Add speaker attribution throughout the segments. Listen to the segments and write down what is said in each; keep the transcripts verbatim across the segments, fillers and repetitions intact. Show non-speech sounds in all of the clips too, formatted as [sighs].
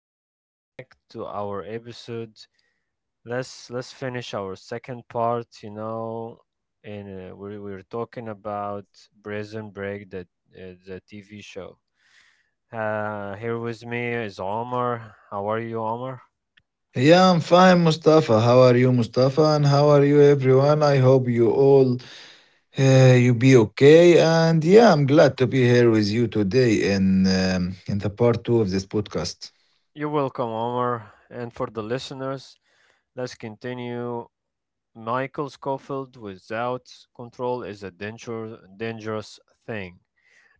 Speaker 1: welcome back to our episode. Let's let's finish our second part. You know, and uh, we're we're talking about Prison Break, that uh, the T V show. Uh, here with me is Omar. How are you, Omar?
Speaker 2: Yeah, I'm fine, Mustafa. How are you, Mustafa? And how are you, everyone? I hope you all uh, you be okay. And yeah, I'm glad to be here with you today in um, in the part two of this podcast.
Speaker 1: You're welcome, Omar. And for the listeners, let's continue. Michael Scofield without control is a danger, dangerous thing.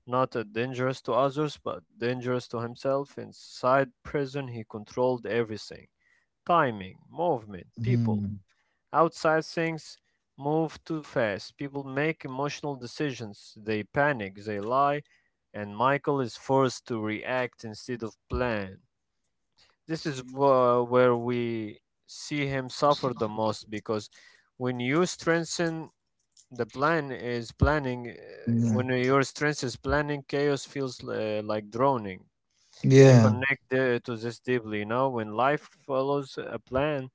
Speaker 1: Not a dangerous to others, but dangerous to himself. Inside prison, he controlled everything timing, movement, people.
Speaker 2: Mhm.
Speaker 1: Outside, things move too fast. People make emotional decisions. They panic, they lie, and Michael is forced to react instead of plan. This is wh- where we see him suffer the most because when you strengthen the plan is planning. Uh, When
Speaker 2: Yeah,
Speaker 1: your strength is planning, chaos feels uh, like drowning. I
Speaker 2: Yeah,
Speaker 1: connect uh, to this deeply. Now, when life follows a plan,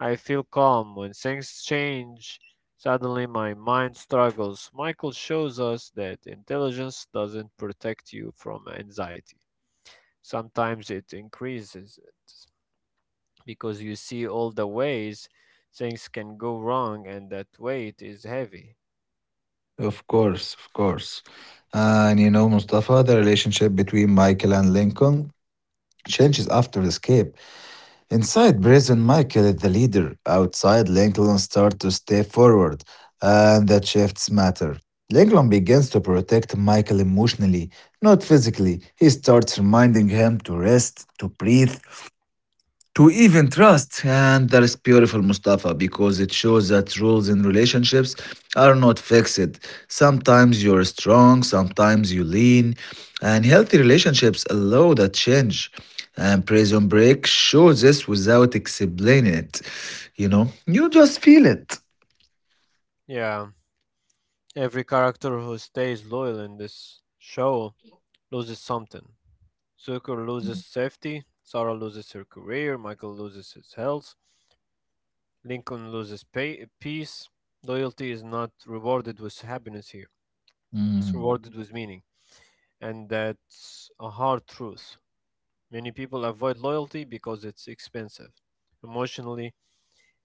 Speaker 1: I feel calm. When things change, suddenly my mind struggles. Michael shows us that intelligence doesn't protect you from anxiety. Sometimes it increases it because you see all the ways things can go wrong, and that weight is heavy.
Speaker 2: of course, of course. And you know, Mustafa, the relationship between Michael and Lincoln changes after the escape. Inside prison, Michael is the leader. Outside, Lincoln starts to step forward, and that shifts matter. Lincoln begins to protect Michael emotionally, not physically. He starts reminding him to rest, to breathe, to even trust. And that is beautiful, Mustafa, because it shows that rules in relationships are not fixed. Sometimes you're strong, sometimes you lean, and healthy relationships allow that change. And Prison Break shows this without explaining it. You know, you just feel it.
Speaker 1: Yeah. Every character who stays loyal in this show loses something. Zuko loses safety, Sarah loses her career, Michael loses his health, Lincoln loses pay- peace. Loyalty is not rewarded with happiness here, it's
Speaker 2: Mm,
Speaker 1: rewarded with meaning. And that's a hard truth. Many people avoid loyalty because it's expensive, emotionally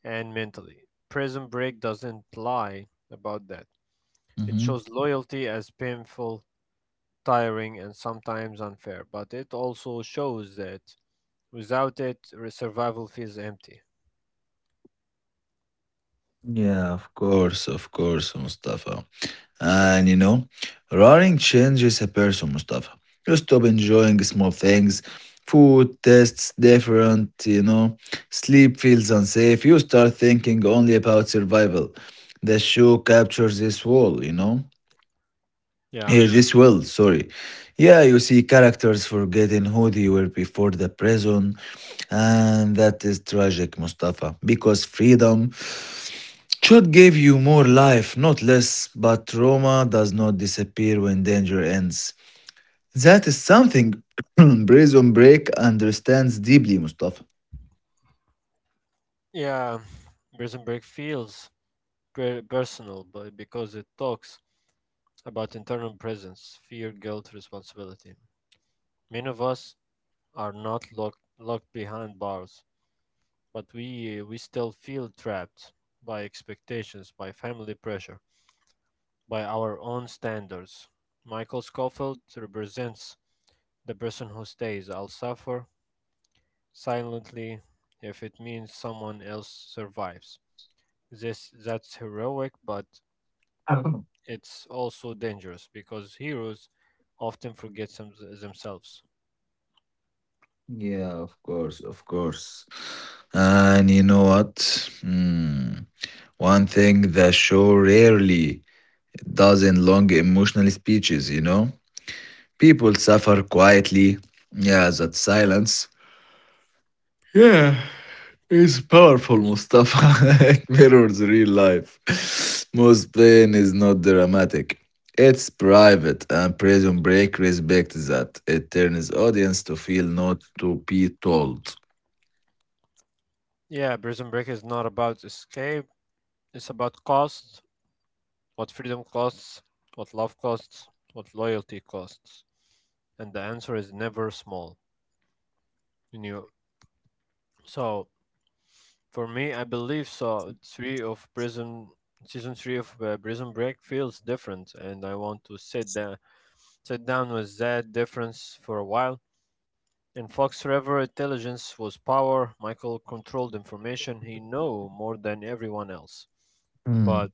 Speaker 1: and mentally. Prison Break doesn't lie about that. It
Speaker 2: mhm.
Speaker 1: shows loyalty as painful tiring and sometimes unfair, but it also shows that without it, re- survival feels empty.
Speaker 2: Yeah, of course, of course, Mustafa. And you know, running changes a person, Mustafa. You stop enjoying small things. Food tastes different, you know. Sleep feels unsafe. You start thinking only about survival. The show captures this wall, you know.
Speaker 1: Yeah.
Speaker 2: Here, this world, sorry. Yeah, you see characters forgetting who they were before the prison, and that is tragic, Mustafa, because freedom Church gave you more life, not less, but trauma does not disappear when danger ends. That is something [clears throat] Prison Break understands deeply, Mustafa.
Speaker 1: Yeah. Prison Break feels per- personal but because it talks about internal presence,
Speaker 2: [coughs]
Speaker 1: fear, guilt, responsibility. Many of us are not locked, locked behind bars, but we, we still feel trapped by expectations, by family pressure, by our own standards. Michael Scofield represents the person who stays, I'll suffer silently if it means someone else survives. This That's heroic, but
Speaker 2: Mhm.
Speaker 1: it's also dangerous because heroes often forget them- themselves.
Speaker 2: Yeah, of course, of course. And you know what? Hmm. One thing the show rarely dozen long emotional speeches, you know? People suffer quietly. Yeah, that silence. Yeah, it's powerful, Mustafa. [laughs] It mirrors real life. Most pain is not dramatic. It's private, and Prison Break respects that. It turns audience to feel not to be told.
Speaker 1: Yeah, Prison Break is not about escape. It's about cost, what freedom costs, what love costs, what loyalty costs, and the answer is never small. You know, so for me, I believe so. Three of Prison Season three of uh, Prison Break feels different, and I want to sit down sit down with that difference for a while. In Fox River, intelligence was power. Michael controlled information. He knew more than everyone else.
Speaker 2: Mm,
Speaker 1: But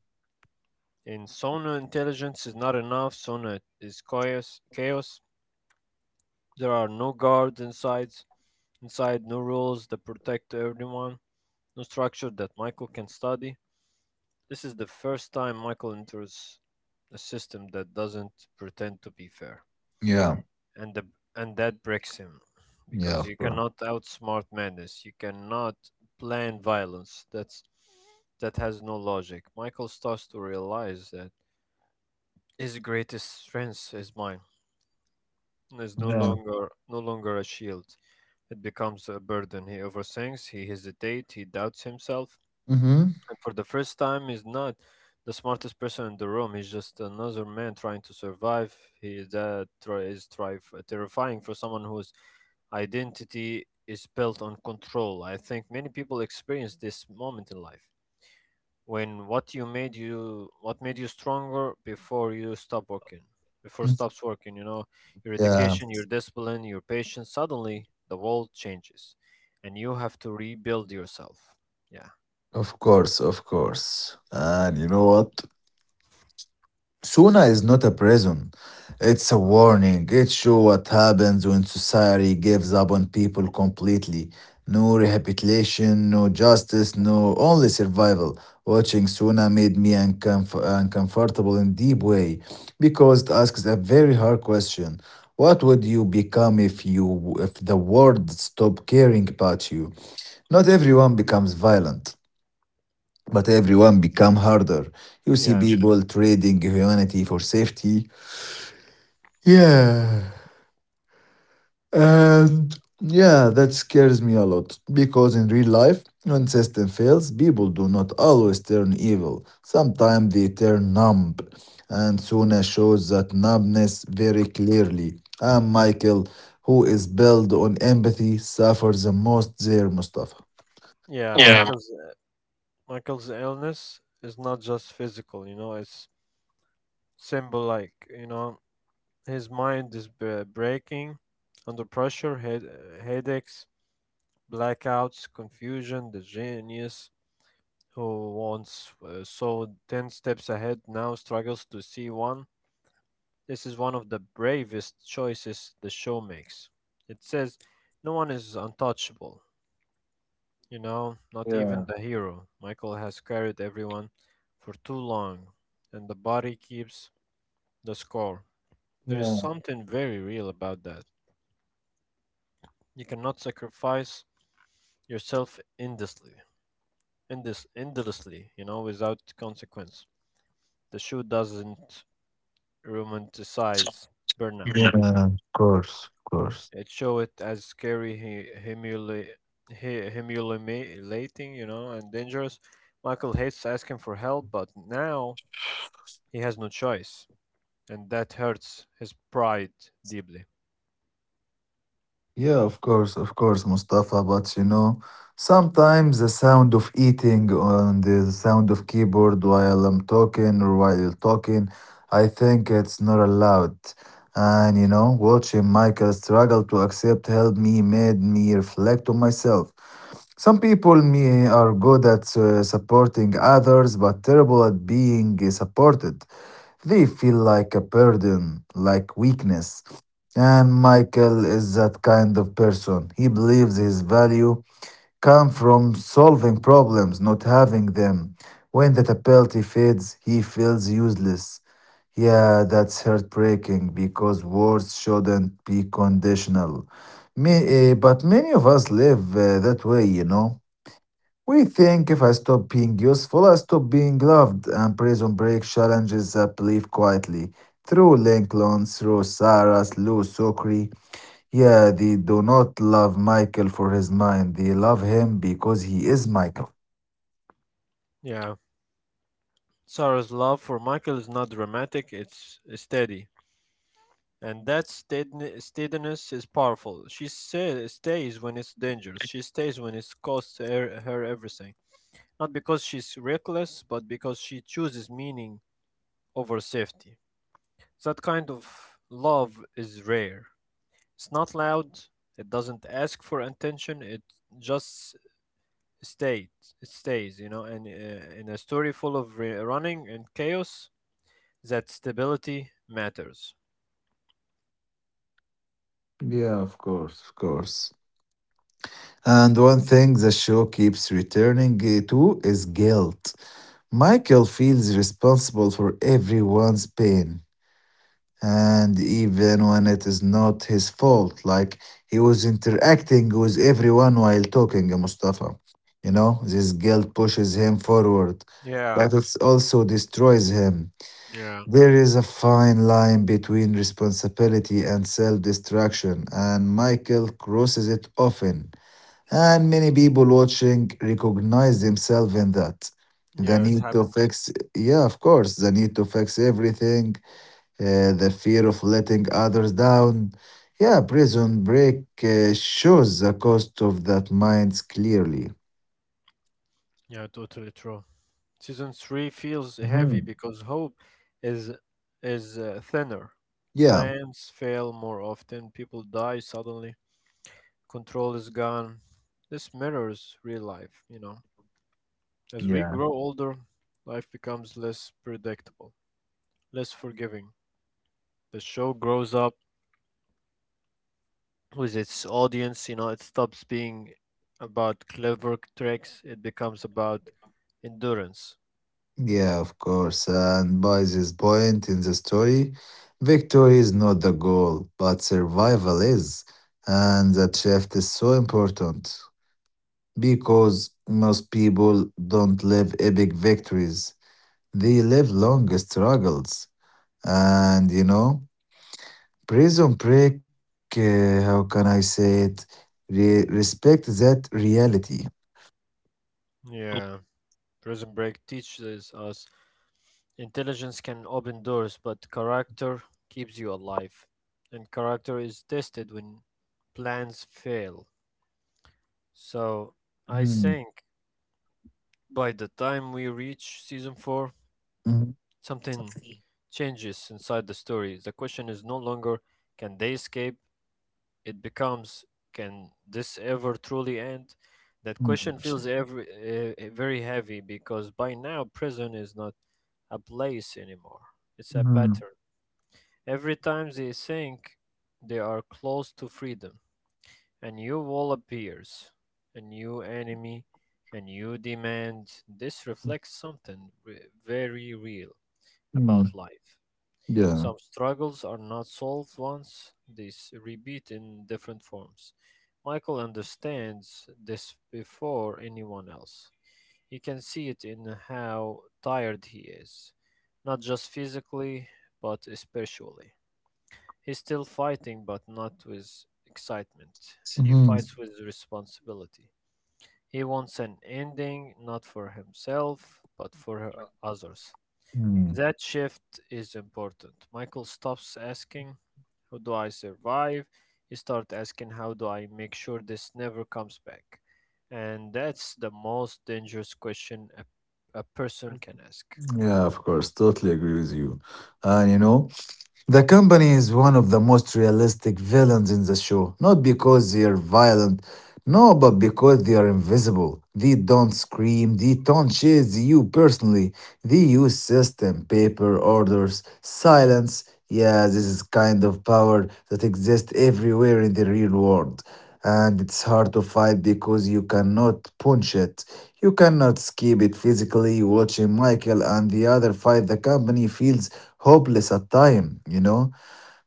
Speaker 1: in Sona, intelligence is not enough. Sona is chaos. Chaos. There are no guards inside. Inside, no rules that protect everyone. No structure that Michael can study. This is the first time Michael enters a system that doesn't pretend to be fair,
Speaker 2: Yeah,
Speaker 1: and the, and that breaks him,
Speaker 2: yeah,
Speaker 1: because
Speaker 2: of
Speaker 1: you
Speaker 2: course.
Speaker 1: cannot outsmart madness. You cannot plan violence. That's that has no logic. Michael starts to realize that his greatest strength is mine. Is no
Speaker 2: Yeah.
Speaker 1: longer no longer a shield. It becomes a burden. He overthinks. He hesitates. He doubts himself.
Speaker 2: Mm-hmm.
Speaker 1: And for the first time, he's not the smartest person in the room. He's just another man trying to survive. He that try- is try- Terrifying for someone whose identity is built on control. I think many people experience this moment in life when what you made you what made you stronger before you stop working before stops working you know your
Speaker 2: Yeah,
Speaker 1: education your discipline your patience suddenly the world changes and you have to rebuild yourself yeah
Speaker 2: of course, of course. And you know what? Suna is not a prison. It's a warning. It shows what happens when society gives up on people completely. No rehabilitation, no justice, no only survival. Watching Suna made me uncomf- uncomfortable in deep way because it asks a very hard question. What would you become if you if the world stopped caring about you? Not everyone becomes violent. But everyone become harder. You see
Speaker 1: yeah
Speaker 2: people trading humanity for safety. Yeah. And yeah, that scares me a lot. Because in real life, when system fails, people do not always turn evil. Sometimes they turn numb. And Suna shows that numbness very clearly. And Michael, who is built on empathy, suffers the most there, Mustafa.
Speaker 1: yeah
Speaker 2: Yeah.
Speaker 1: michael Michael's illness is not just physical, you know, it's symbolic, you know, his mind is b- breaking under pressure, head- headaches, blackouts, confusion. The genius who once uh, saw ten steps ahead now struggles to see one. This is one of the bravest choices the show makes. It says, no one is untouchable. You know, not even
Speaker 2: Yeah.
Speaker 1: the hero. Michael has carried everyone for too long, and the body keeps the score. There is
Speaker 2: Yeah.
Speaker 1: something very real about that. You cannot sacrifice yourself endlessly, endless, endlessly, you know, without consequence. The show doesn't romanticize
Speaker 2: Yeah.
Speaker 1: burnout.
Speaker 2: Yeah, of course, of course.
Speaker 1: It shows it as scary, hu- humili- hu- humiliating, you know, and dangerous. Michael hates asking for help, but now he has no choice. And that hurts his pride deeply.
Speaker 2: Yeah, of course, of course, Mustafa. But you know, sometimes the sound of eating and the sound of keyboard while I'm talking or while you're talking, I think it's not allowed. And you know, watching Michael struggle to accept help me made me reflect on myself. Some people me are good at uh, supporting others, but terrible at being supported. They feel like a burden, like weakness. And Michael is that kind of person. He believes his value comes from solving problems, not having them. When that ability fades, he feels useless. Yeah, that's heartbreaking because words shouldn't be conditional. Me, eh, but many of us live eh, that way, you know. We think if I stop being useful, I stop being loved. And Prison Break challenges that belief quietly through Lincoln, through Sarah, Lou Sokri, yeah, they do not love Michael for his mind. They love him because he is Michael.
Speaker 1: Yeah. Sarah's love for Michael is not dramatic, it's steady. And that steadin- steadiness is powerful. She sa- stays when it's dangerous. She stays when it costs her, her everything. Not because she's reckless, but because she chooses meaning over safety. That kind of love is rare. It's not loud, it doesn't ask for attention, it just stayed it stays you know and uh, in a story full of re- running and chaos that stability matters
Speaker 2: Yeah, of course, of course. And one thing the show keeps returning uh, to is guilt. Michael feels responsible for everyone's pain, and even when it is not his fault, like he was interacting with everyone while talking to Mustafa. You know, this guilt pushes him forward, but
Speaker 1: yeah
Speaker 2: it also destroys him.
Speaker 1: yeah
Speaker 2: There is a fine line between responsibility and self destruction, and Michael crosses it often. And many people watching recognize themselves in that. The
Speaker 1: yeah it
Speaker 2: need to
Speaker 1: happened
Speaker 2: fix, yeah, of course, the need to fix everything, uh, the fear of letting others down. Yeah, prison break uh, shows the cost of that minds clearly.
Speaker 1: yeah totally true season three feels heavy
Speaker 2: Mhm.
Speaker 1: because hope is is uh, thinner
Speaker 2: Yeah.
Speaker 1: plans fail more often people die suddenly control is gone this mirrors real life you know. As we
Speaker 2: Yeah.
Speaker 1: grow older, life becomes less predictable, less forgiving. The show grows up with its audience, you know, it stops being about clever tricks, it becomes about endurance.
Speaker 2: Yeah, of course. And by this point in the story, victory is not the goal, but survival is. And that shift is so important because most people don't live epic victories, they live long struggles. And you know, prison break, uh, how can I say it? Re- respect that reality.
Speaker 1: Yeah, Prison Break teaches us intelligence can open doors, but character keeps you alive. And character is tested when plans fail. So I
Speaker 2: Mm,
Speaker 1: think by the time we reach season four,
Speaker 2: mm,
Speaker 1: something changes inside the story. The question is no longer can they escape? It becomes can this ever truly end? That
Speaker 2: mm,
Speaker 1: question feels every, uh, very heavy because by now prison is not a place anymore. It's a pattern. Every time they think they are close to freedom, a new wall appears, a new enemy, a new demand. This reflects something re- very real
Speaker 2: mm,
Speaker 1: about life.
Speaker 2: Yeah.
Speaker 1: Some struggles are not solved once, they s- repeat in different forms. Michael understands this before anyone else. You can see it in how tired he is, not just physically, but spiritually. He's still fighting, but not with excitement. He
Speaker 2: Hmm.
Speaker 1: fights with responsibility. He wants an ending, not for himself, but for others.
Speaker 2: Mm,
Speaker 1: That shift is important. Michael stops asking how do I survive? You start asking, how do I make sure this never comes back? And that's the most dangerous question a, a person can ask.
Speaker 2: Yeah, of course. Totally agree with you. And you know, the company is one of the most realistic villains in the show. Not because they are violent, no, but because they are invisible. They don't scream, they don't chase you personally. They use system, paper, orders, silence. Yeah, this is kind of power that exists everywhere in the real world. And it's hard to fight because you cannot punch it. You cannot skip it physically. Watching Michael and the other fight the company feels hopeless at time, you know?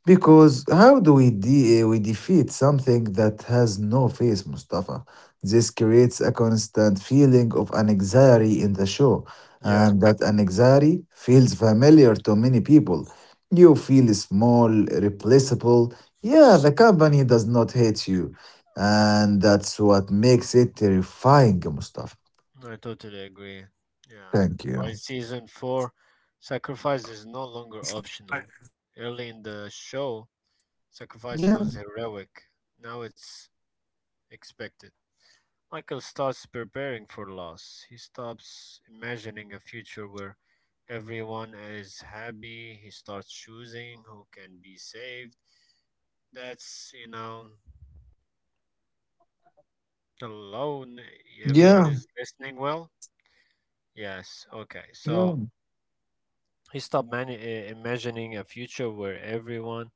Speaker 2: Because how do we, de- uh, we defeat something that has no face, Mustafa? This creates a constant feeling of anxiety in the show,
Speaker 1: Yeah,
Speaker 2: and that anxiety feels familiar to many people. You feel small, replaceable. Yeah, the company does not hate you, and that's what makes it terrifying, Mustafa.
Speaker 1: I totally agree. Yeah.
Speaker 2: Thank
Speaker 1: By
Speaker 2: you.
Speaker 1: season four, sacrifice is no longer optional. Early in
Speaker 2: Yeah,
Speaker 1: the show, sacrifice was heroic. Now it's expected. Michael starts preparing for loss. He stops imagining a future where everyone is happy. He starts choosing who can be saved. That's, you know,
Speaker 2: yeah,
Speaker 1: alone. Everyone is listening well? Yes,
Speaker 2: yeah.
Speaker 1: okay. So he stopped mani- uh, imagining a future where everyone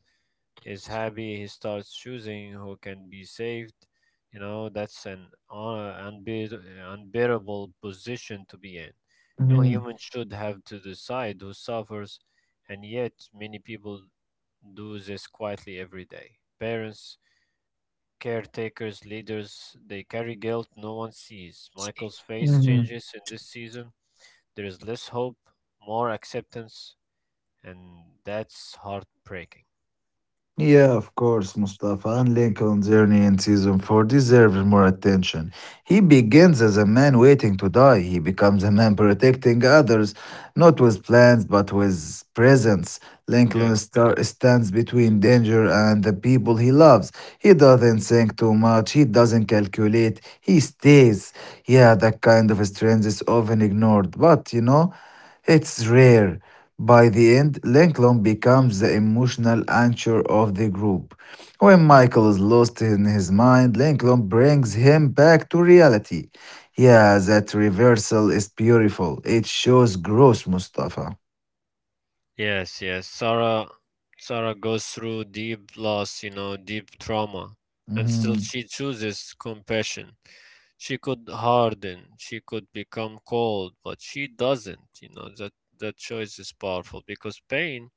Speaker 1: is happy, he starts choosing who can be saved. You know, that's an uh, unbeat- unbearable position to be in.
Speaker 2: Mhm,
Speaker 1: No human should have to decide who suffers, and yet many people do this quietly every day. Parents, caretakers, leaders, they carry guilt no one sees. Michael's face
Speaker 2: mhm.
Speaker 1: changes in this season. There is less hope, more acceptance, and that's heartbreaking.
Speaker 2: Yeah, of course, Mustafa, and Lincoln's journey in season four deserves more attention. He begins as a man waiting to die. He becomes a man protecting others, not with plans, but with presence. Lincoln star- stands between danger and the people he loves. He doesn't think too much, he doesn't calculate, he stays. Yeah, that kind of strength is often ignored, but you know. It's rare. By the end, Lincoln becomes the emotional anchor of the group. When Michael is lost in his mind, Lincoln brings him back to reality. Yeah, that reversal is beautiful. It shows growth, Mustafa.
Speaker 1: Yes, yes. Sarah Sarah goes through deep loss, you know, deep trauma, and still
Speaker 2: Mhm.
Speaker 1: she chooses compassion. She could harden, she could become cold, but she doesn't, you know. That that choice is powerful because pain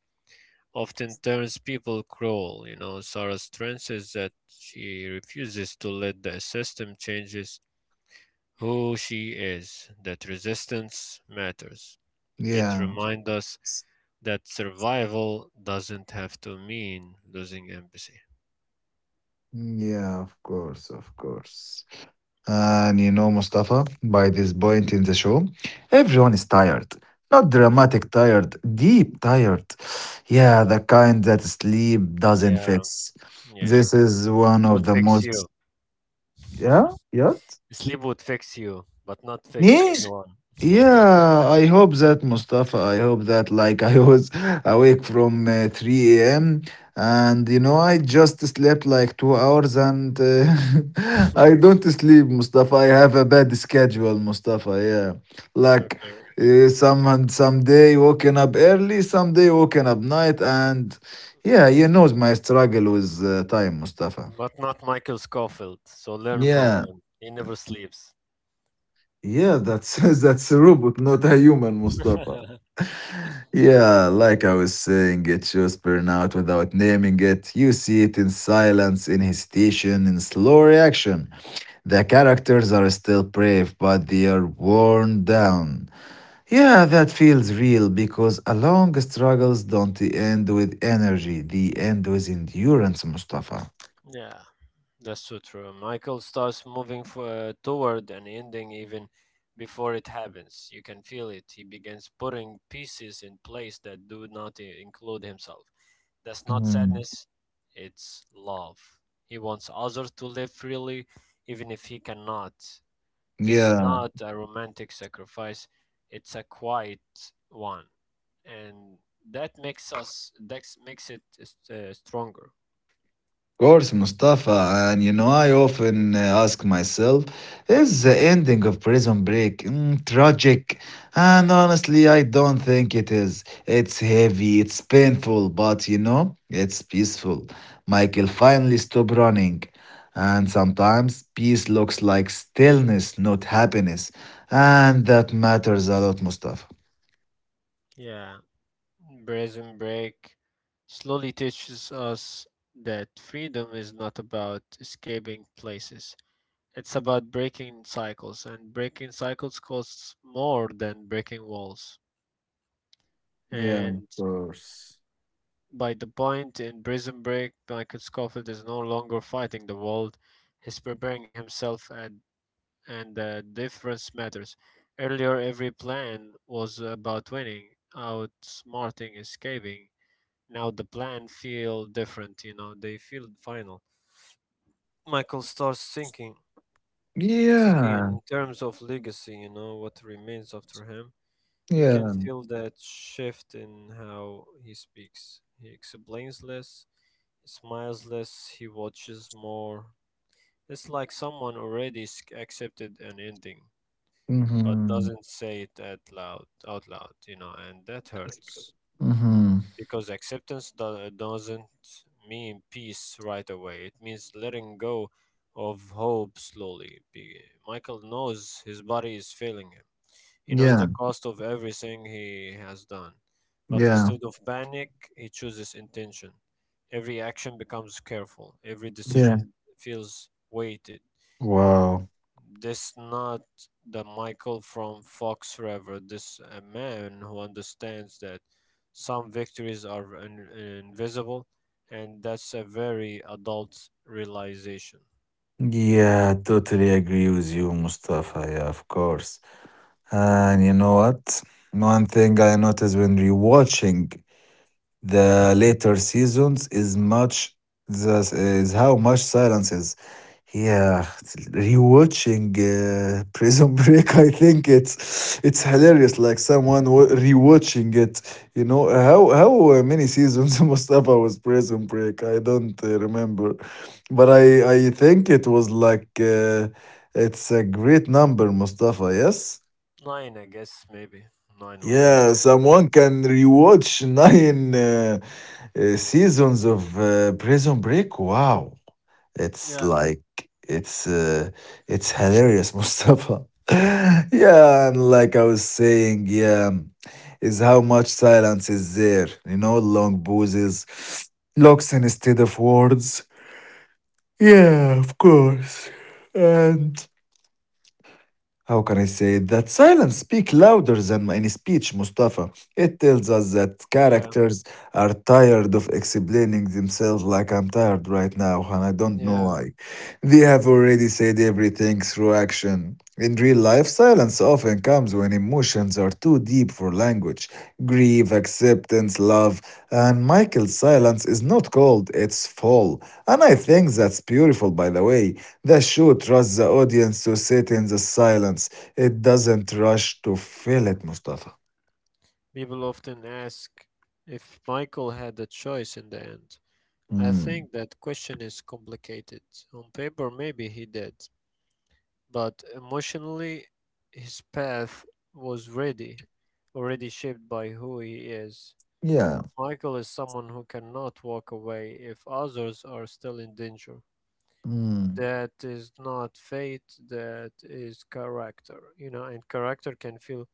Speaker 1: often turns people cruel, you know. Sarah's strength is that she refuses to let the system changes who she is, that resistance matters. It
Speaker 2: Yeah,
Speaker 1: reminds us that survival doesn't have to mean losing empathy.
Speaker 2: yeah, of course, of course. And you know, Mustafa, by this point in the show, everyone is tired. Not dramatic tired, deep tired. Yeah, the kind that sleep doesn't
Speaker 1: Yeah,
Speaker 2: fix.
Speaker 1: yeah.
Speaker 2: This
Speaker 1: It
Speaker 2: is one
Speaker 1: would
Speaker 2: of the
Speaker 1: fix you.
Speaker 2: most.
Speaker 1: [laughs]
Speaker 2: Yeah, yeah.
Speaker 1: Sleep would fix you, but not fix
Speaker 2: Me?
Speaker 1: anyone. [laughs]
Speaker 2: Yeah, I hope that Mustafa, I hope that like I was [laughs] awake from uh, three a m and you know I just slept like two hours and uh, [laughs] I don't sleep Mustafa. I have a bad schedule Mustafa. Yeah. Like
Speaker 1: Okay.
Speaker 2: uh, some some day waking up early, some day waking up night and yeah, you know my struggle with uh, time Mustafa.
Speaker 1: But not Michael Scofield, so learn from
Speaker 2: Yeah.
Speaker 1: him. He never sleeps.
Speaker 2: Yeah, that's [laughs] that's a robot, not a human Mustafa.
Speaker 1: [laughs]
Speaker 2: Yeah, like I was saying, it shows burnout without naming it. You see it in silence, in hesitation, in slow reaction. The characters are still brave, but they are worn down. Yeah, that feels real because a long struggles don't end with energy, they end with endurance, Mustafa.
Speaker 1: Yeah. That's so true. Michael starts moving f- uh, toward an ending even before it happens. You can feel it. He begins putting pieces in place that do not i- include himself. That's not
Speaker 2: Mhm.
Speaker 1: sadness, it's love. He wants others to live freely even if he cannot. This is
Speaker 2: Yeah.
Speaker 1: not a romantic sacrifice, it's a quiet one. And that makes us that makes it uh, stronger.
Speaker 2: Course, Mustafa, and you know, I often uh, ask myself, is the ending of Prison Break mm, tragic? And honestly, I don't think it is. It's heavy, it's painful, but you know, it's peaceful. Michael finally stopped running. And sometimes peace looks like stillness, not happiness. And that matters a lot, Mustafa.
Speaker 1: Yeah. Prison Break slowly teaches us that freedom is not about escaping places. It's about breaking cycles, and breaking cycles costs more than breaking walls.
Speaker 2: Yeah, of
Speaker 1: And
Speaker 2: course.
Speaker 1: by the point in Prison Break, Michael Scofield is no longer fighting the world, he's preparing himself, and, and the difference matters. Earlier, every plan was about winning, outsmarting, escaping. Now the plan feel different, you know, they feel final. Michael starts thinking thinking
Speaker 2: Yeah,
Speaker 1: in terms of legacy, you know, what remains after him. You can
Speaker 2: yeah.
Speaker 1: feel that shift in how he speaks. He explains less, he smiles less, he watches more. It's like someone already s- accepted an ending, but
Speaker 2: hmm
Speaker 1: doesn't say it out loud, out loud, you know, and that
Speaker 2: That's
Speaker 1: hurts.
Speaker 2: Mm-hmm.
Speaker 1: Because acceptance do- doesn't mean peace right away. It means letting go of hope slowly. Be- Michael knows his body is failing him. He knows the
Speaker 2: Yeah.
Speaker 1: cost of everything he has done. But
Speaker 2: Yeah.
Speaker 1: instead of panic, he chooses intention. Every action becomes careful. Every
Speaker 2: Yeah.
Speaker 1: decision feels weighted.
Speaker 2: Wow.
Speaker 1: This not the Michael from Fox River. This a man who understands that some victories are in- invisible, and that's a very adult realization.
Speaker 2: Yeah, I totally agree with you, Mustafa. Yeah, of course. And you know what? One thing I noticed when rewatching the later seasons is much the is how much silence is. Yeah, rewatching uh, Prison [laughs] Break, I think it's it's hilarious. Like someone wa- rewatching it, you know how how uh, many seasons [laughs] Mustafa was Prison Break? I don't uh, remember, but I I think it was like uh, it's a great number, Mustafa. Yes.
Speaker 1: Nine, I guess, maybe nine or ten.
Speaker 2: Yeah, someone can rewatch nine uh, uh, seasons of uh, Prison Break. Wow, it's
Speaker 1: Yeah,
Speaker 2: like it's uh, it's hilarious, [laughs] Mustafa. Yeah, and like I was saying, yeah, is how much silence is there. You know, long pauses, looks instead of words. Yeah, of course, and how can I say it? That silence speaks louder than any speech, Mustafa. It tells us that
Speaker 1: yeah,
Speaker 2: characters are tired of explaining themselves like I'm tired right now, and I don't know
Speaker 1: yeah.
Speaker 2: why. They have already said everything through action. In real life, silence often comes when emotions are too deep for language grief, acceptance, love. And Michael's silence is not cold, it's full. And I think that's beautiful, by the way. The show trusts the audience to sit in the silence. It doesn't rush to fill it, Mustafa.
Speaker 1: People often ask if Michael had a choice in the end. I
Speaker 2: Mm.
Speaker 1: think that question is complicated. On paper, maybe he did, but emotionally his path was ready already shaped by who he is.
Speaker 2: Yeah.
Speaker 1: Michael is someone who cannot walk away if others are still in danger.
Speaker 2: Mm.
Speaker 1: That is not fate, that is character, you know, and character can feel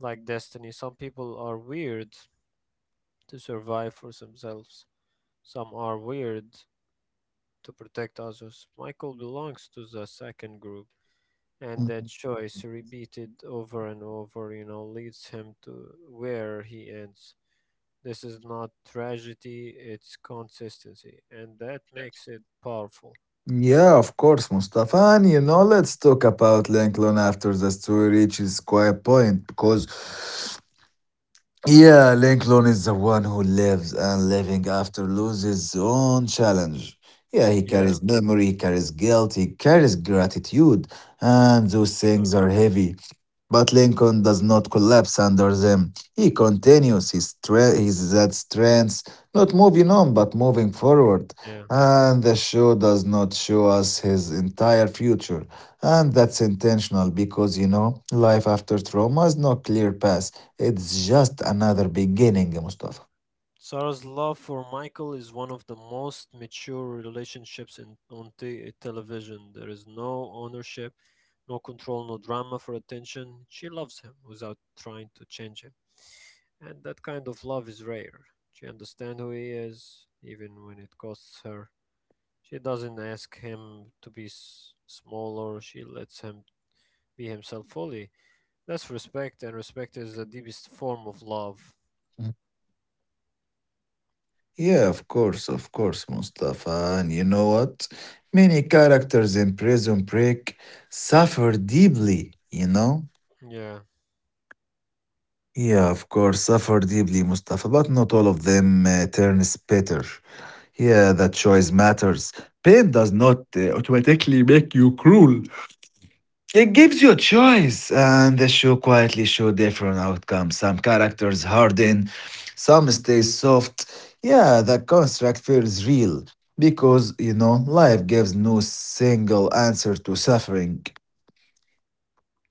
Speaker 1: like destiny. Some people are weird to survive for themselves, some are weird to protect others. Michael belongs to the second group. And that
Speaker 2: Mhm.
Speaker 1: choice, repeated over and over, you know, leads him to where he ends. This is not tragedy, it's consistency. And that makes it powerful.
Speaker 2: Yeah, of course, Mustafa. And you know, let's talk about Lincoln after the story reaches quiet point because, yeah, Lincoln is the one who lives and living after loses his own challenge. Yeah, he
Speaker 1: Yeah,
Speaker 2: carries memory, he carries guilt, he carries gratitude, and those things
Speaker 1: sure.
Speaker 2: are heavy. But Lincoln does not collapse under them. He continues his, stre- his that strength, not moving on, but moving forward.
Speaker 1: Yeah.
Speaker 2: And the show does not show us his entire future. And that's intentional because, you know, life after trauma is no clear path. It's just another beginning, Mustafa.
Speaker 1: Sarah's love for Michael is one of the most mature relationships in, on t- television. There is no ownership, no control, no drama for attention. She loves him without trying to change him. And that kind of love is rare. She understands who he is, even when it costs her. She doesn't ask him to be s- smaller, she lets him be himself fully. That's respect, and respect is the deepest form of love.
Speaker 2: Mm. Yeah, of course, of course, Mustafa. And you know what? Many characters in Prison Break suffer deeply, you know?
Speaker 1: Yeah.
Speaker 2: Yeah, of course, suffer deeply, Mustafa, but not all of them uh, turn bitter. Yeah, that choice matters. Pain does not uh, automatically make you cruel. It gives you a choice, and the show quietly show different outcomes. Some characters harden, some stay soft. Yeah, the construct feels real because, you know, life gives no single answer to suffering.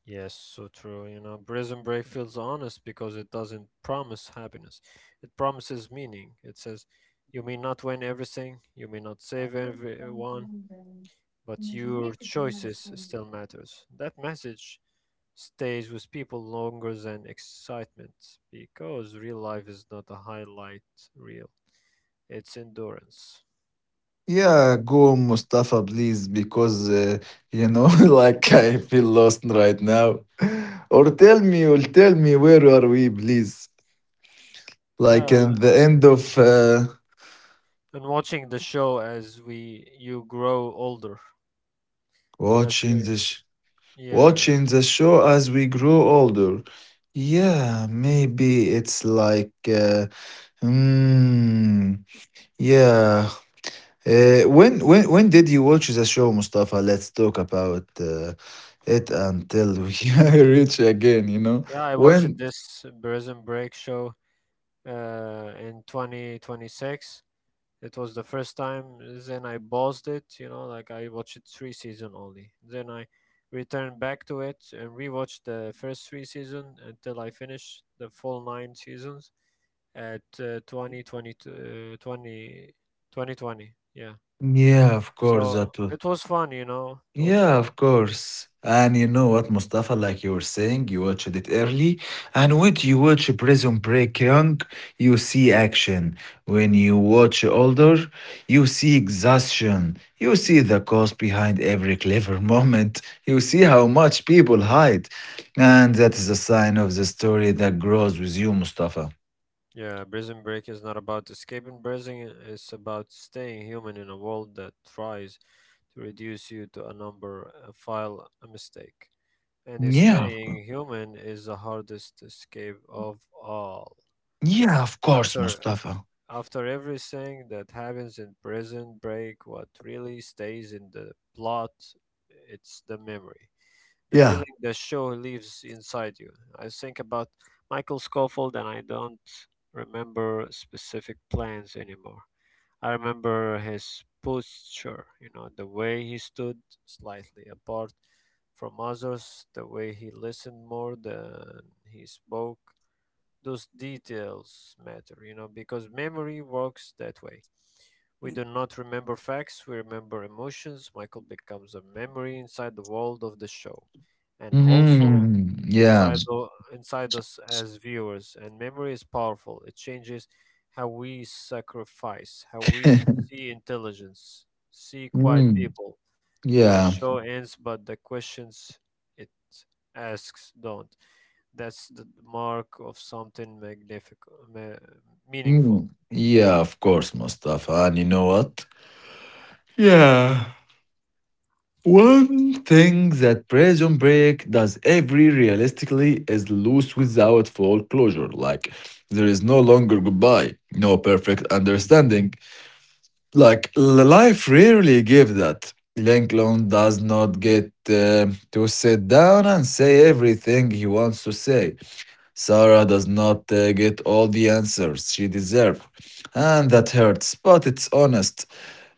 Speaker 1: Yes, so true. You know, Prison Break feels honest because it doesn't promise happiness. It promises meaning. It says, you may not win everything, you may not save everyone, but your choices still matters. That message stays with people longer than excitement because real life is not a highlight reel. It's endurance.
Speaker 2: Yeah, go Mustafa, please, because uh, you know, [laughs] like I feel lost right now. [laughs] Or tell me, or tell me, where are we, please? Like
Speaker 1: La-
Speaker 2: at the end of uh,
Speaker 1: and watching the show as we you grow older. That's
Speaker 2: watching
Speaker 1: where
Speaker 2: the sh-
Speaker 1: yeah,
Speaker 2: watching the show as we grow older.
Speaker 1: yeah.
Speaker 2: Yeah, maybe it's like, uh, mm, yeah, Uh, when when when did you watch the show, Mustafa? Let's talk about uh, it until we [laughs] reach again. You know
Speaker 1: Yeah, I watched
Speaker 2: when?
Speaker 1: this Prison Break show uh, in twenty twenty-six. It was the first time. Then I paused it, you know, like I watched three season only. Then I returned back to it and rewatched the first three season until I finished the full nine seasons at uh, twenty twenty, uh, twenty, twenty twenty. Yeah.
Speaker 2: Yeah, of
Speaker 1: So
Speaker 2: course that was.
Speaker 1: it was fun, you know, it was
Speaker 2: Yeah,
Speaker 1: fun.
Speaker 2: of course. And you know what, Mustafa, like you were saying, you watched it early. And when you watch Prison Break young, you see action. When you watch older, you see exhaustion. You see the cause behind every clever [laughs] moment. You see how much people hide. And that is a sign of the story that grows with you, Mustafa.
Speaker 1: Yeah, Prison Break is not about escaping prison, it's about staying human in a world that tries to reduce you to a number, a file, a mistake. And
Speaker 2: Yeah, of course.
Speaker 1: staying human is the hardest escape of all.
Speaker 2: Yeah, of course,
Speaker 1: After
Speaker 2: Mustafa.
Speaker 1: after everything that happens in Prison Break, what really stays in the plot it's the memory, the
Speaker 2: Yeah.
Speaker 1: feeling the show leaves inside you. I think about Michael Scofield and I don't remember specific plans anymore. I remember his posture, you know, the way he stood slightly apart from others, the way he listened more than he spoke. Those details matter, you know, because memory works that way. We do not remember facts, we remember emotions. Michael becomes a memory inside the world of the show and also
Speaker 2: Hmm.
Speaker 1: inside
Speaker 2: Yeah.
Speaker 1: the, inside us as viewers. And memory is powerful. It changes how we sacrifice, how we
Speaker 2: [laughs]
Speaker 1: see intelligence, see quiet
Speaker 2: Mm.
Speaker 1: people. The
Speaker 2: Yeah.
Speaker 1: show ends, but the questions it asks don't. That's the the mark of something magnific- ma- meaningful.
Speaker 2: Mm. Yeah, of course, Mustafa. And you know what? Yeah. One thing that Prison Break does every realistically is loose without full closure. Like, there is no longer goodbye, no perfect understanding. Like, l- life rarely gives that. Lincoln does not get uh, to sit down and say everything he wants to say. Sarah does not uh, get all the answers she deserves, and that hurts, but it's honest.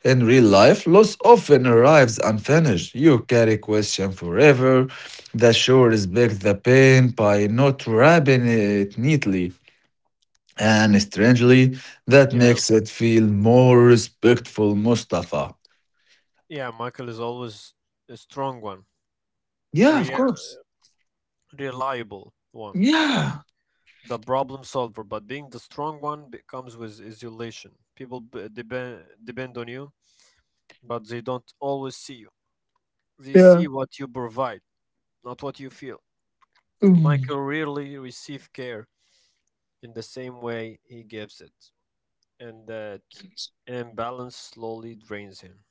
Speaker 2: In real life, loss often arrives unfinished. You carry question forever. The show respects the pain by not wrapping it neatly. And strangely, that
Speaker 1: Yeah,
Speaker 2: makes it feel more respectful, Mustafa.
Speaker 1: yeah. Michael is always a strong one,
Speaker 2: Yeah,
Speaker 1: rea- reliable one,
Speaker 2: yeah.
Speaker 1: the problem solver. But being the strong one be- comes with isolation. People b- depend depend on you, but they don't always see you. They see what you provide, not what you feel. Michael rarely receives care in the same way he gives it, and that imbalance slowly drains him.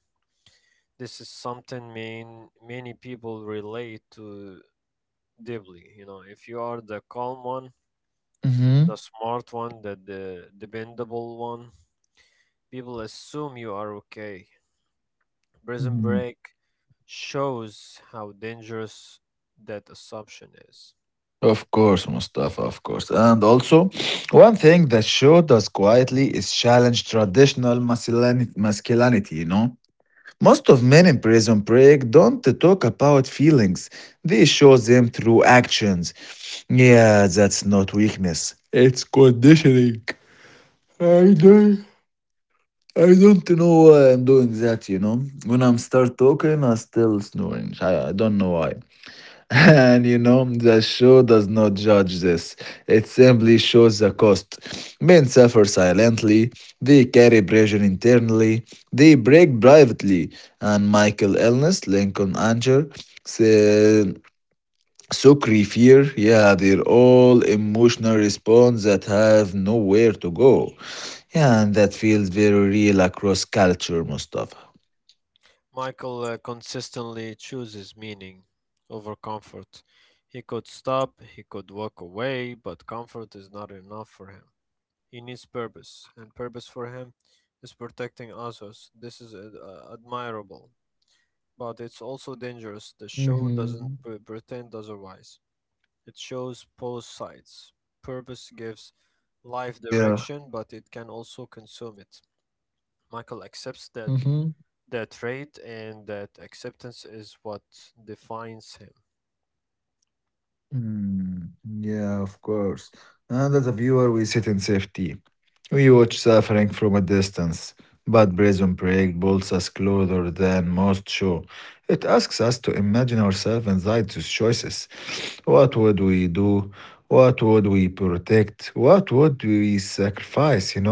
Speaker 1: This is something main, many people relate to deeply. You know, if you are the calm one, the
Speaker 2: Mhm.
Speaker 1: smart one, the, the dependable one, people assume you are okay. Prison Break shows how dangerous that assumption is.
Speaker 2: Of course, Mustafa, of course. And also, one thing that show does quietly is challenge traditional masculinity, masculinity, you know? Most of men in Prison Break don't talk about feelings. They show them through actions. Yeah, that's not weakness. It's conditioning. I don't, I don't know why I'm doing that, you know? When I'm start talking, I still snoring. I, I don't know why. And you know, the show does not judge this. It simply shows the cost. Men suffer silently, they carry pressure internally, they break privately. And Michael Ellis, Lincoln Anger, Se- Sukri Fear, yeah, they're all emotional response that have nowhere to go. Yeah, and that feels very real across culture, Mustafa.
Speaker 1: Michael uh, consistently chooses meaning over comfort. He could stop, he could walk away, but comfort is not enough for him. He needs purpose, and purpose for him is protecting others. This is ad- uh, admirable, but it's
Speaker 2: Hmm.
Speaker 1: also dangerous. The show doesn't pre- pretend otherwise. It shows both sides. Purpose gives life direction, but it can also consume it.
Speaker 2: Yeah.
Speaker 1: Michael accepts that that trait, and that acceptance is what defines him.
Speaker 2: Mm, yeah, of course. And as a viewer, we sit in safety. We watch suffering from a distance. But Prison Break pulls us closer than most show. It asks us to imagine ourselves inside those choices. What would we do? What would we protect? What would we sacrifice, you know?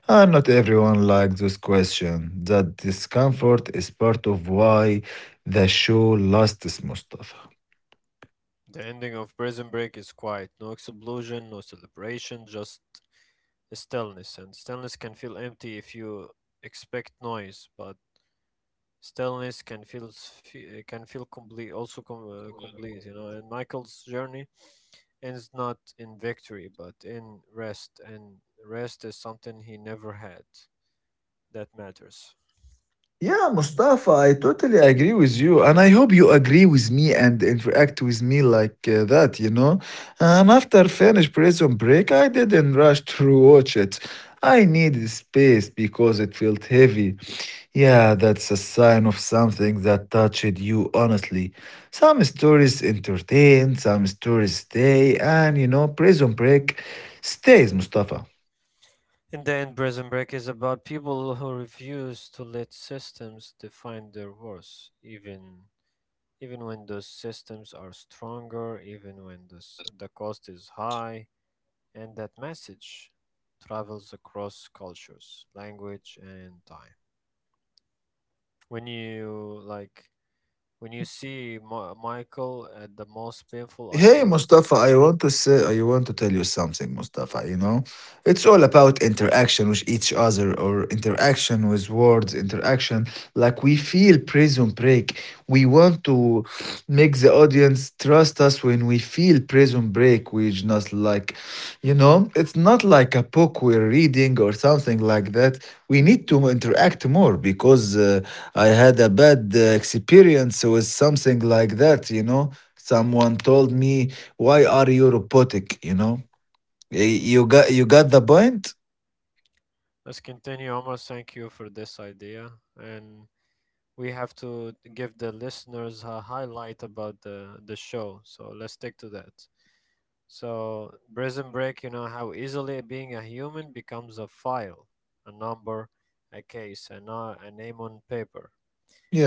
Speaker 2: And not everyone likes this question. That discomfort is part of why the show lasts, Mustafa.
Speaker 1: The ending of Prison Break is quiet. No explosion, no celebration, just stillness. And stillness can feel empty if you expect noise, but stillness can feel s- fe- eh, can feel complete, also com- uh, complete, you know. And Michael's journey ends not in victory but in rest. And rest is something he never had. That matters.
Speaker 2: Yeah, Mustafa, I totally agree with you. And I hope you agree with me and interact with me like uh, that, you know? And after finish Prison Break, I didn't rush to watch it. I needed space because it felt heavy. Yeah, that's a sign of something that touched you honestly. Some stories entertain, some stories stay, and you know, Prison Break stays, Mustafa.
Speaker 1: In the end, Prison Break is about people who refuse to let systems define their worth, even even when those systems are stronger, even when this, the cost is high. And that message travels across cultures, language, and time. When you like, when you see Ma- Michael at the most painful
Speaker 2: Hey
Speaker 1: ideas, you
Speaker 2: Mustafa, I
Speaker 1: know,
Speaker 2: want to say I want to tell you something, Mustafa. You know, it's all about interaction with each other or interaction with words, interaction. Like we feel prison break. We want to make the audience trust us when we feel prison break. We just like, you know, it's not like a book we're reading or something like that. We need to interact more because uh, I had a bad uh, experience with something like that, you know. Someone told me, "Why are you robotic?" You know, Y- you got you got the point.
Speaker 1: let's continue. Omar, thank you for this idea. And we have to give the listeners a highlight about the, the show. So let's stick to that. So, Prison Break, you know, how easily being a human becomes a file, a number, a case, and a, a name on paper.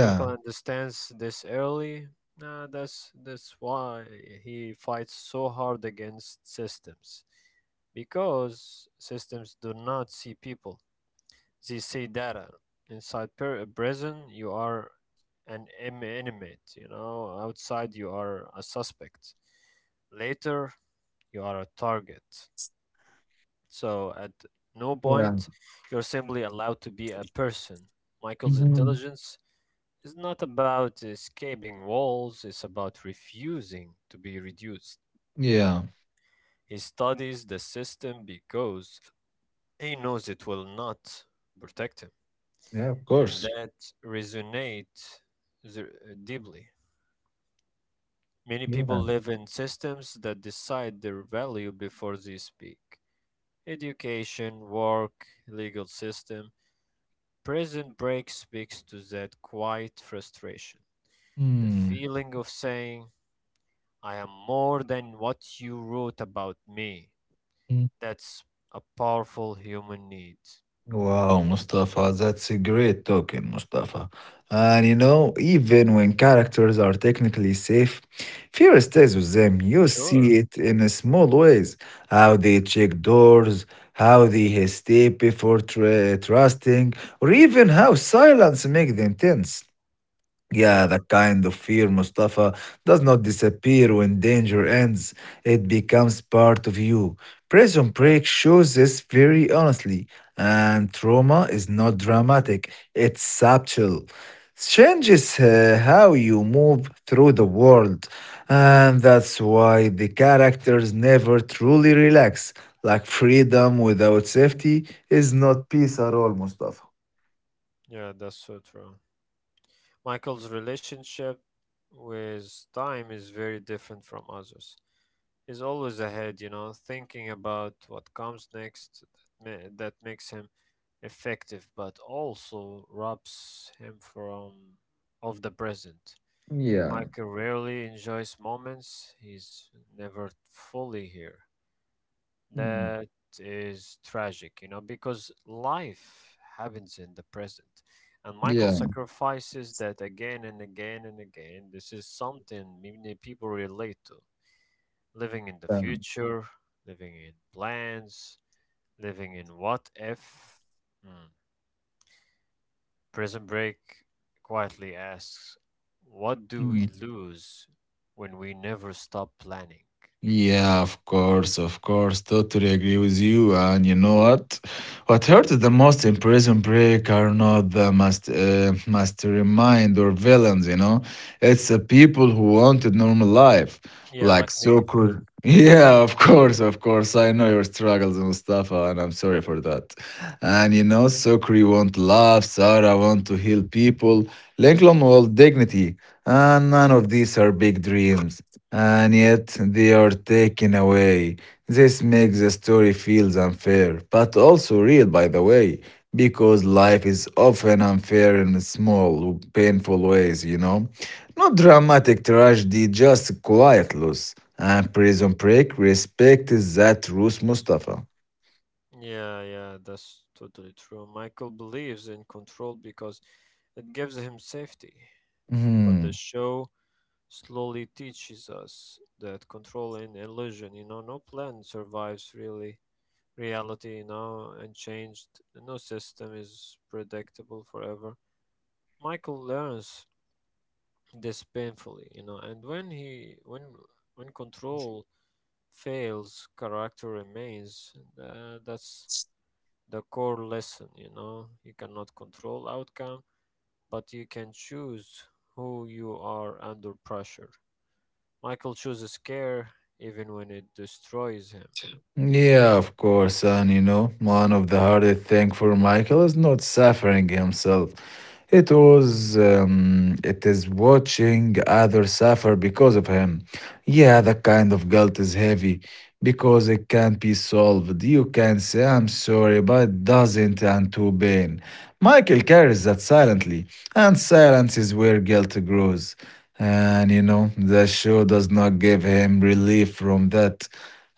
Speaker 1: Michael understands this early. Uh, that's that's why he fights so hard against systems, because systems do not see people; they see data. Inside per- prison, you are an im- inmate. You know, outside, you are a suspect. Later, you are a target. So at no
Speaker 2: yeah.
Speaker 1: point you're simply allowed to be a person. Michael's
Speaker 2: Mhm.
Speaker 1: intelligence it's not about escaping walls, it's about refusing to be reduced.
Speaker 2: Yeah,
Speaker 1: He studies the system because he knows it will not protect him.
Speaker 2: yeah. Of
Speaker 1: And
Speaker 2: course.
Speaker 1: that resonates the- deeply. Many people
Speaker 2: Yeah.
Speaker 1: live in systems that decide their value before they speak. Education, work, legal system. Prison Break speaks to that quiet frustration. The
Speaker 2: Hmm.
Speaker 1: feeling of saying, I am more than what you wrote about me. That's a powerful human need.
Speaker 2: Wow, Mustafa, that's a great talking, Mustafa. And you know, even when characters are technically safe, fear stays with them. You see
Speaker 1: Sure.
Speaker 2: it in a small ways how they check doors, how they hesitate before tra- trusting, or even how silence makes them tense. Yeah,
Speaker 1: Yeah,
Speaker 2: that kind of fear, Mustafa, does not disappear when danger ends. It becomes part of you. Prison
Speaker 1: yeah,
Speaker 2: Break shows this very honestly, and trauma is not dramatic, it's subtle. Changes uh, how you move through the world, and that's
Speaker 1: yeah,
Speaker 2: why the characters never truly relax. Like freedom without safety is not peace at all, Mustafa.
Speaker 1: yeah, that's so true. Michael's relationship with time is very different from others. He's always ahead, you know, thinking about what comes next. That, ma- that makes him effective, but also robs him from of the present.
Speaker 2: Yeah.
Speaker 1: Michael rarely enjoys moments, he's never fully here.
Speaker 2: Mm.
Speaker 1: That is tragic, you know, because life happens in the present. And Michael
Speaker 2: Yeah.
Speaker 1: sacrifices that again and again and again. This is something many people relate to. Living in the future, living in plans, living in what if. Hmm. Prison Break quietly asks, what do
Speaker 2: Yeah.
Speaker 1: we lose when we never stop planning?
Speaker 2: Yeah, of course, of course. Totally agree with you. And you know what? What hurt the most in Prison Break are not the must, uh, mastermind or villains, you know? It's the people who wanted normal life
Speaker 1: Yeah, like
Speaker 2: like
Speaker 1: me.
Speaker 2: so cool. Yeah, of course, of course. I know your struggles, Mustafa, and I'm sorry for that. And you know, Sukri want love, Sarah want to heal people, Lincoln want dignity, and none of these are big dreams. And yet they are taken away. This makes the story feels unfair, but also real, by the way, because life is often unfair in small, painful ways, you know? Not dramatic tragedy, just quiet loss. And Prison Break respects that rules, Mustafa.
Speaker 1: Yeah, yeah, that's totally true. Michael believes in control because it gives him safety. But the
Speaker 2: Hmm.
Speaker 1: show slowly teaches us that control and illusion, you know, no plan survives really reality, you know, and changed. No system is predictable forever. Michael learns this painfully, you know. And when he when when control fails, character remains. And, uh, that's the core lesson. You know, you cannot control outcome, but you can choose who you are under pressure. Michael chooses care even when it destroys him.
Speaker 2: Yeah, of course. And you know, one of the hardest things for Michael is not suffering himself. It was, um, it is watching others suffer because of him. Yeah, that kind of guilt is heavy because it can't be solved. You can say, I'm sorry, but it doesn't and to pain. Michael carries that silently, and silence is where guilt grows. And you know, the show does not give him relief from that,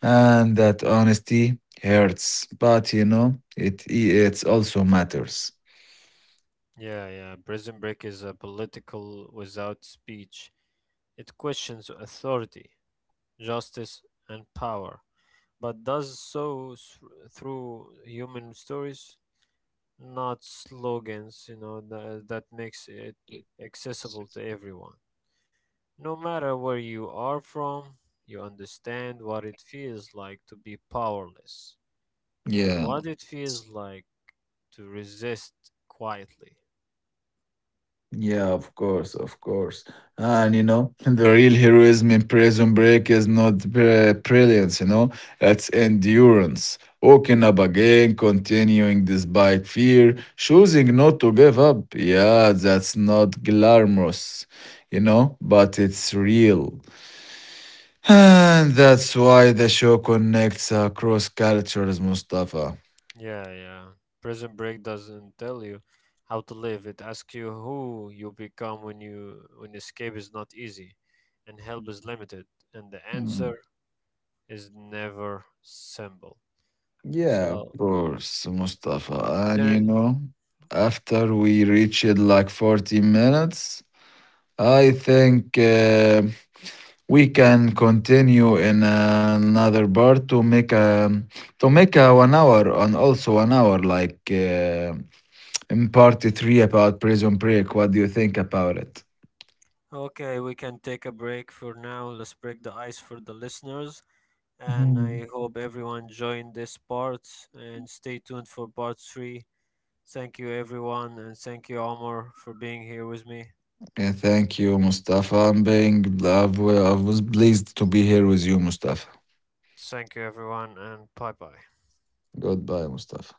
Speaker 2: and that honesty hurts, but you know it it also matters,
Speaker 1: Yeah, yeah. Prison Break is a political without speech. It questions authority, justice, and power, but does so s- through human stories, not slogans. You know, tha- that makes it accessible to everyone. No matter where you are from, you understand what it feels like to be powerless and
Speaker 2: yeah.
Speaker 1: what it feels like to resist quietly.
Speaker 2: Yeah, of course, of course. And you know, [laughs] the real heroism in Prison Break is not br- brilliance, you know, it's endurance. Waking up again, continuing despite fear, choosing not to give up. Yeah, that's not glamorous, you know, but it's real. [sighs] And that's why the show connects across cultures, Mustafa.
Speaker 1: Yeah, yeah. Prison Break doesn't tell you how to live. It asks you who you become when you when escape is not easy and help is limited. And the answer
Speaker 2: Hmm.
Speaker 1: is never simple.
Speaker 2: Yeah, of
Speaker 1: So
Speaker 2: course, Mustafa. And
Speaker 1: there
Speaker 2: you know, after we reached like forty minutes, I think uh, we can continue in another part to make a to make a one hour, and also one hour like uh, in part three about Prison Break. What do you think about it?
Speaker 1: Okay, we can take a break for now. Let's break the ice for the listeners. And
Speaker 2: Mhm.
Speaker 1: I hope everyone joined this part and stay tuned for part three. Thank you everyone and thank you Omar for being here with me.
Speaker 2: Yeah, thank you, Mustafa. I'm being I was pleased to be here with you, Mustafa.
Speaker 1: Thank you everyone and bye bye.
Speaker 2: Goodbye, Mustafa.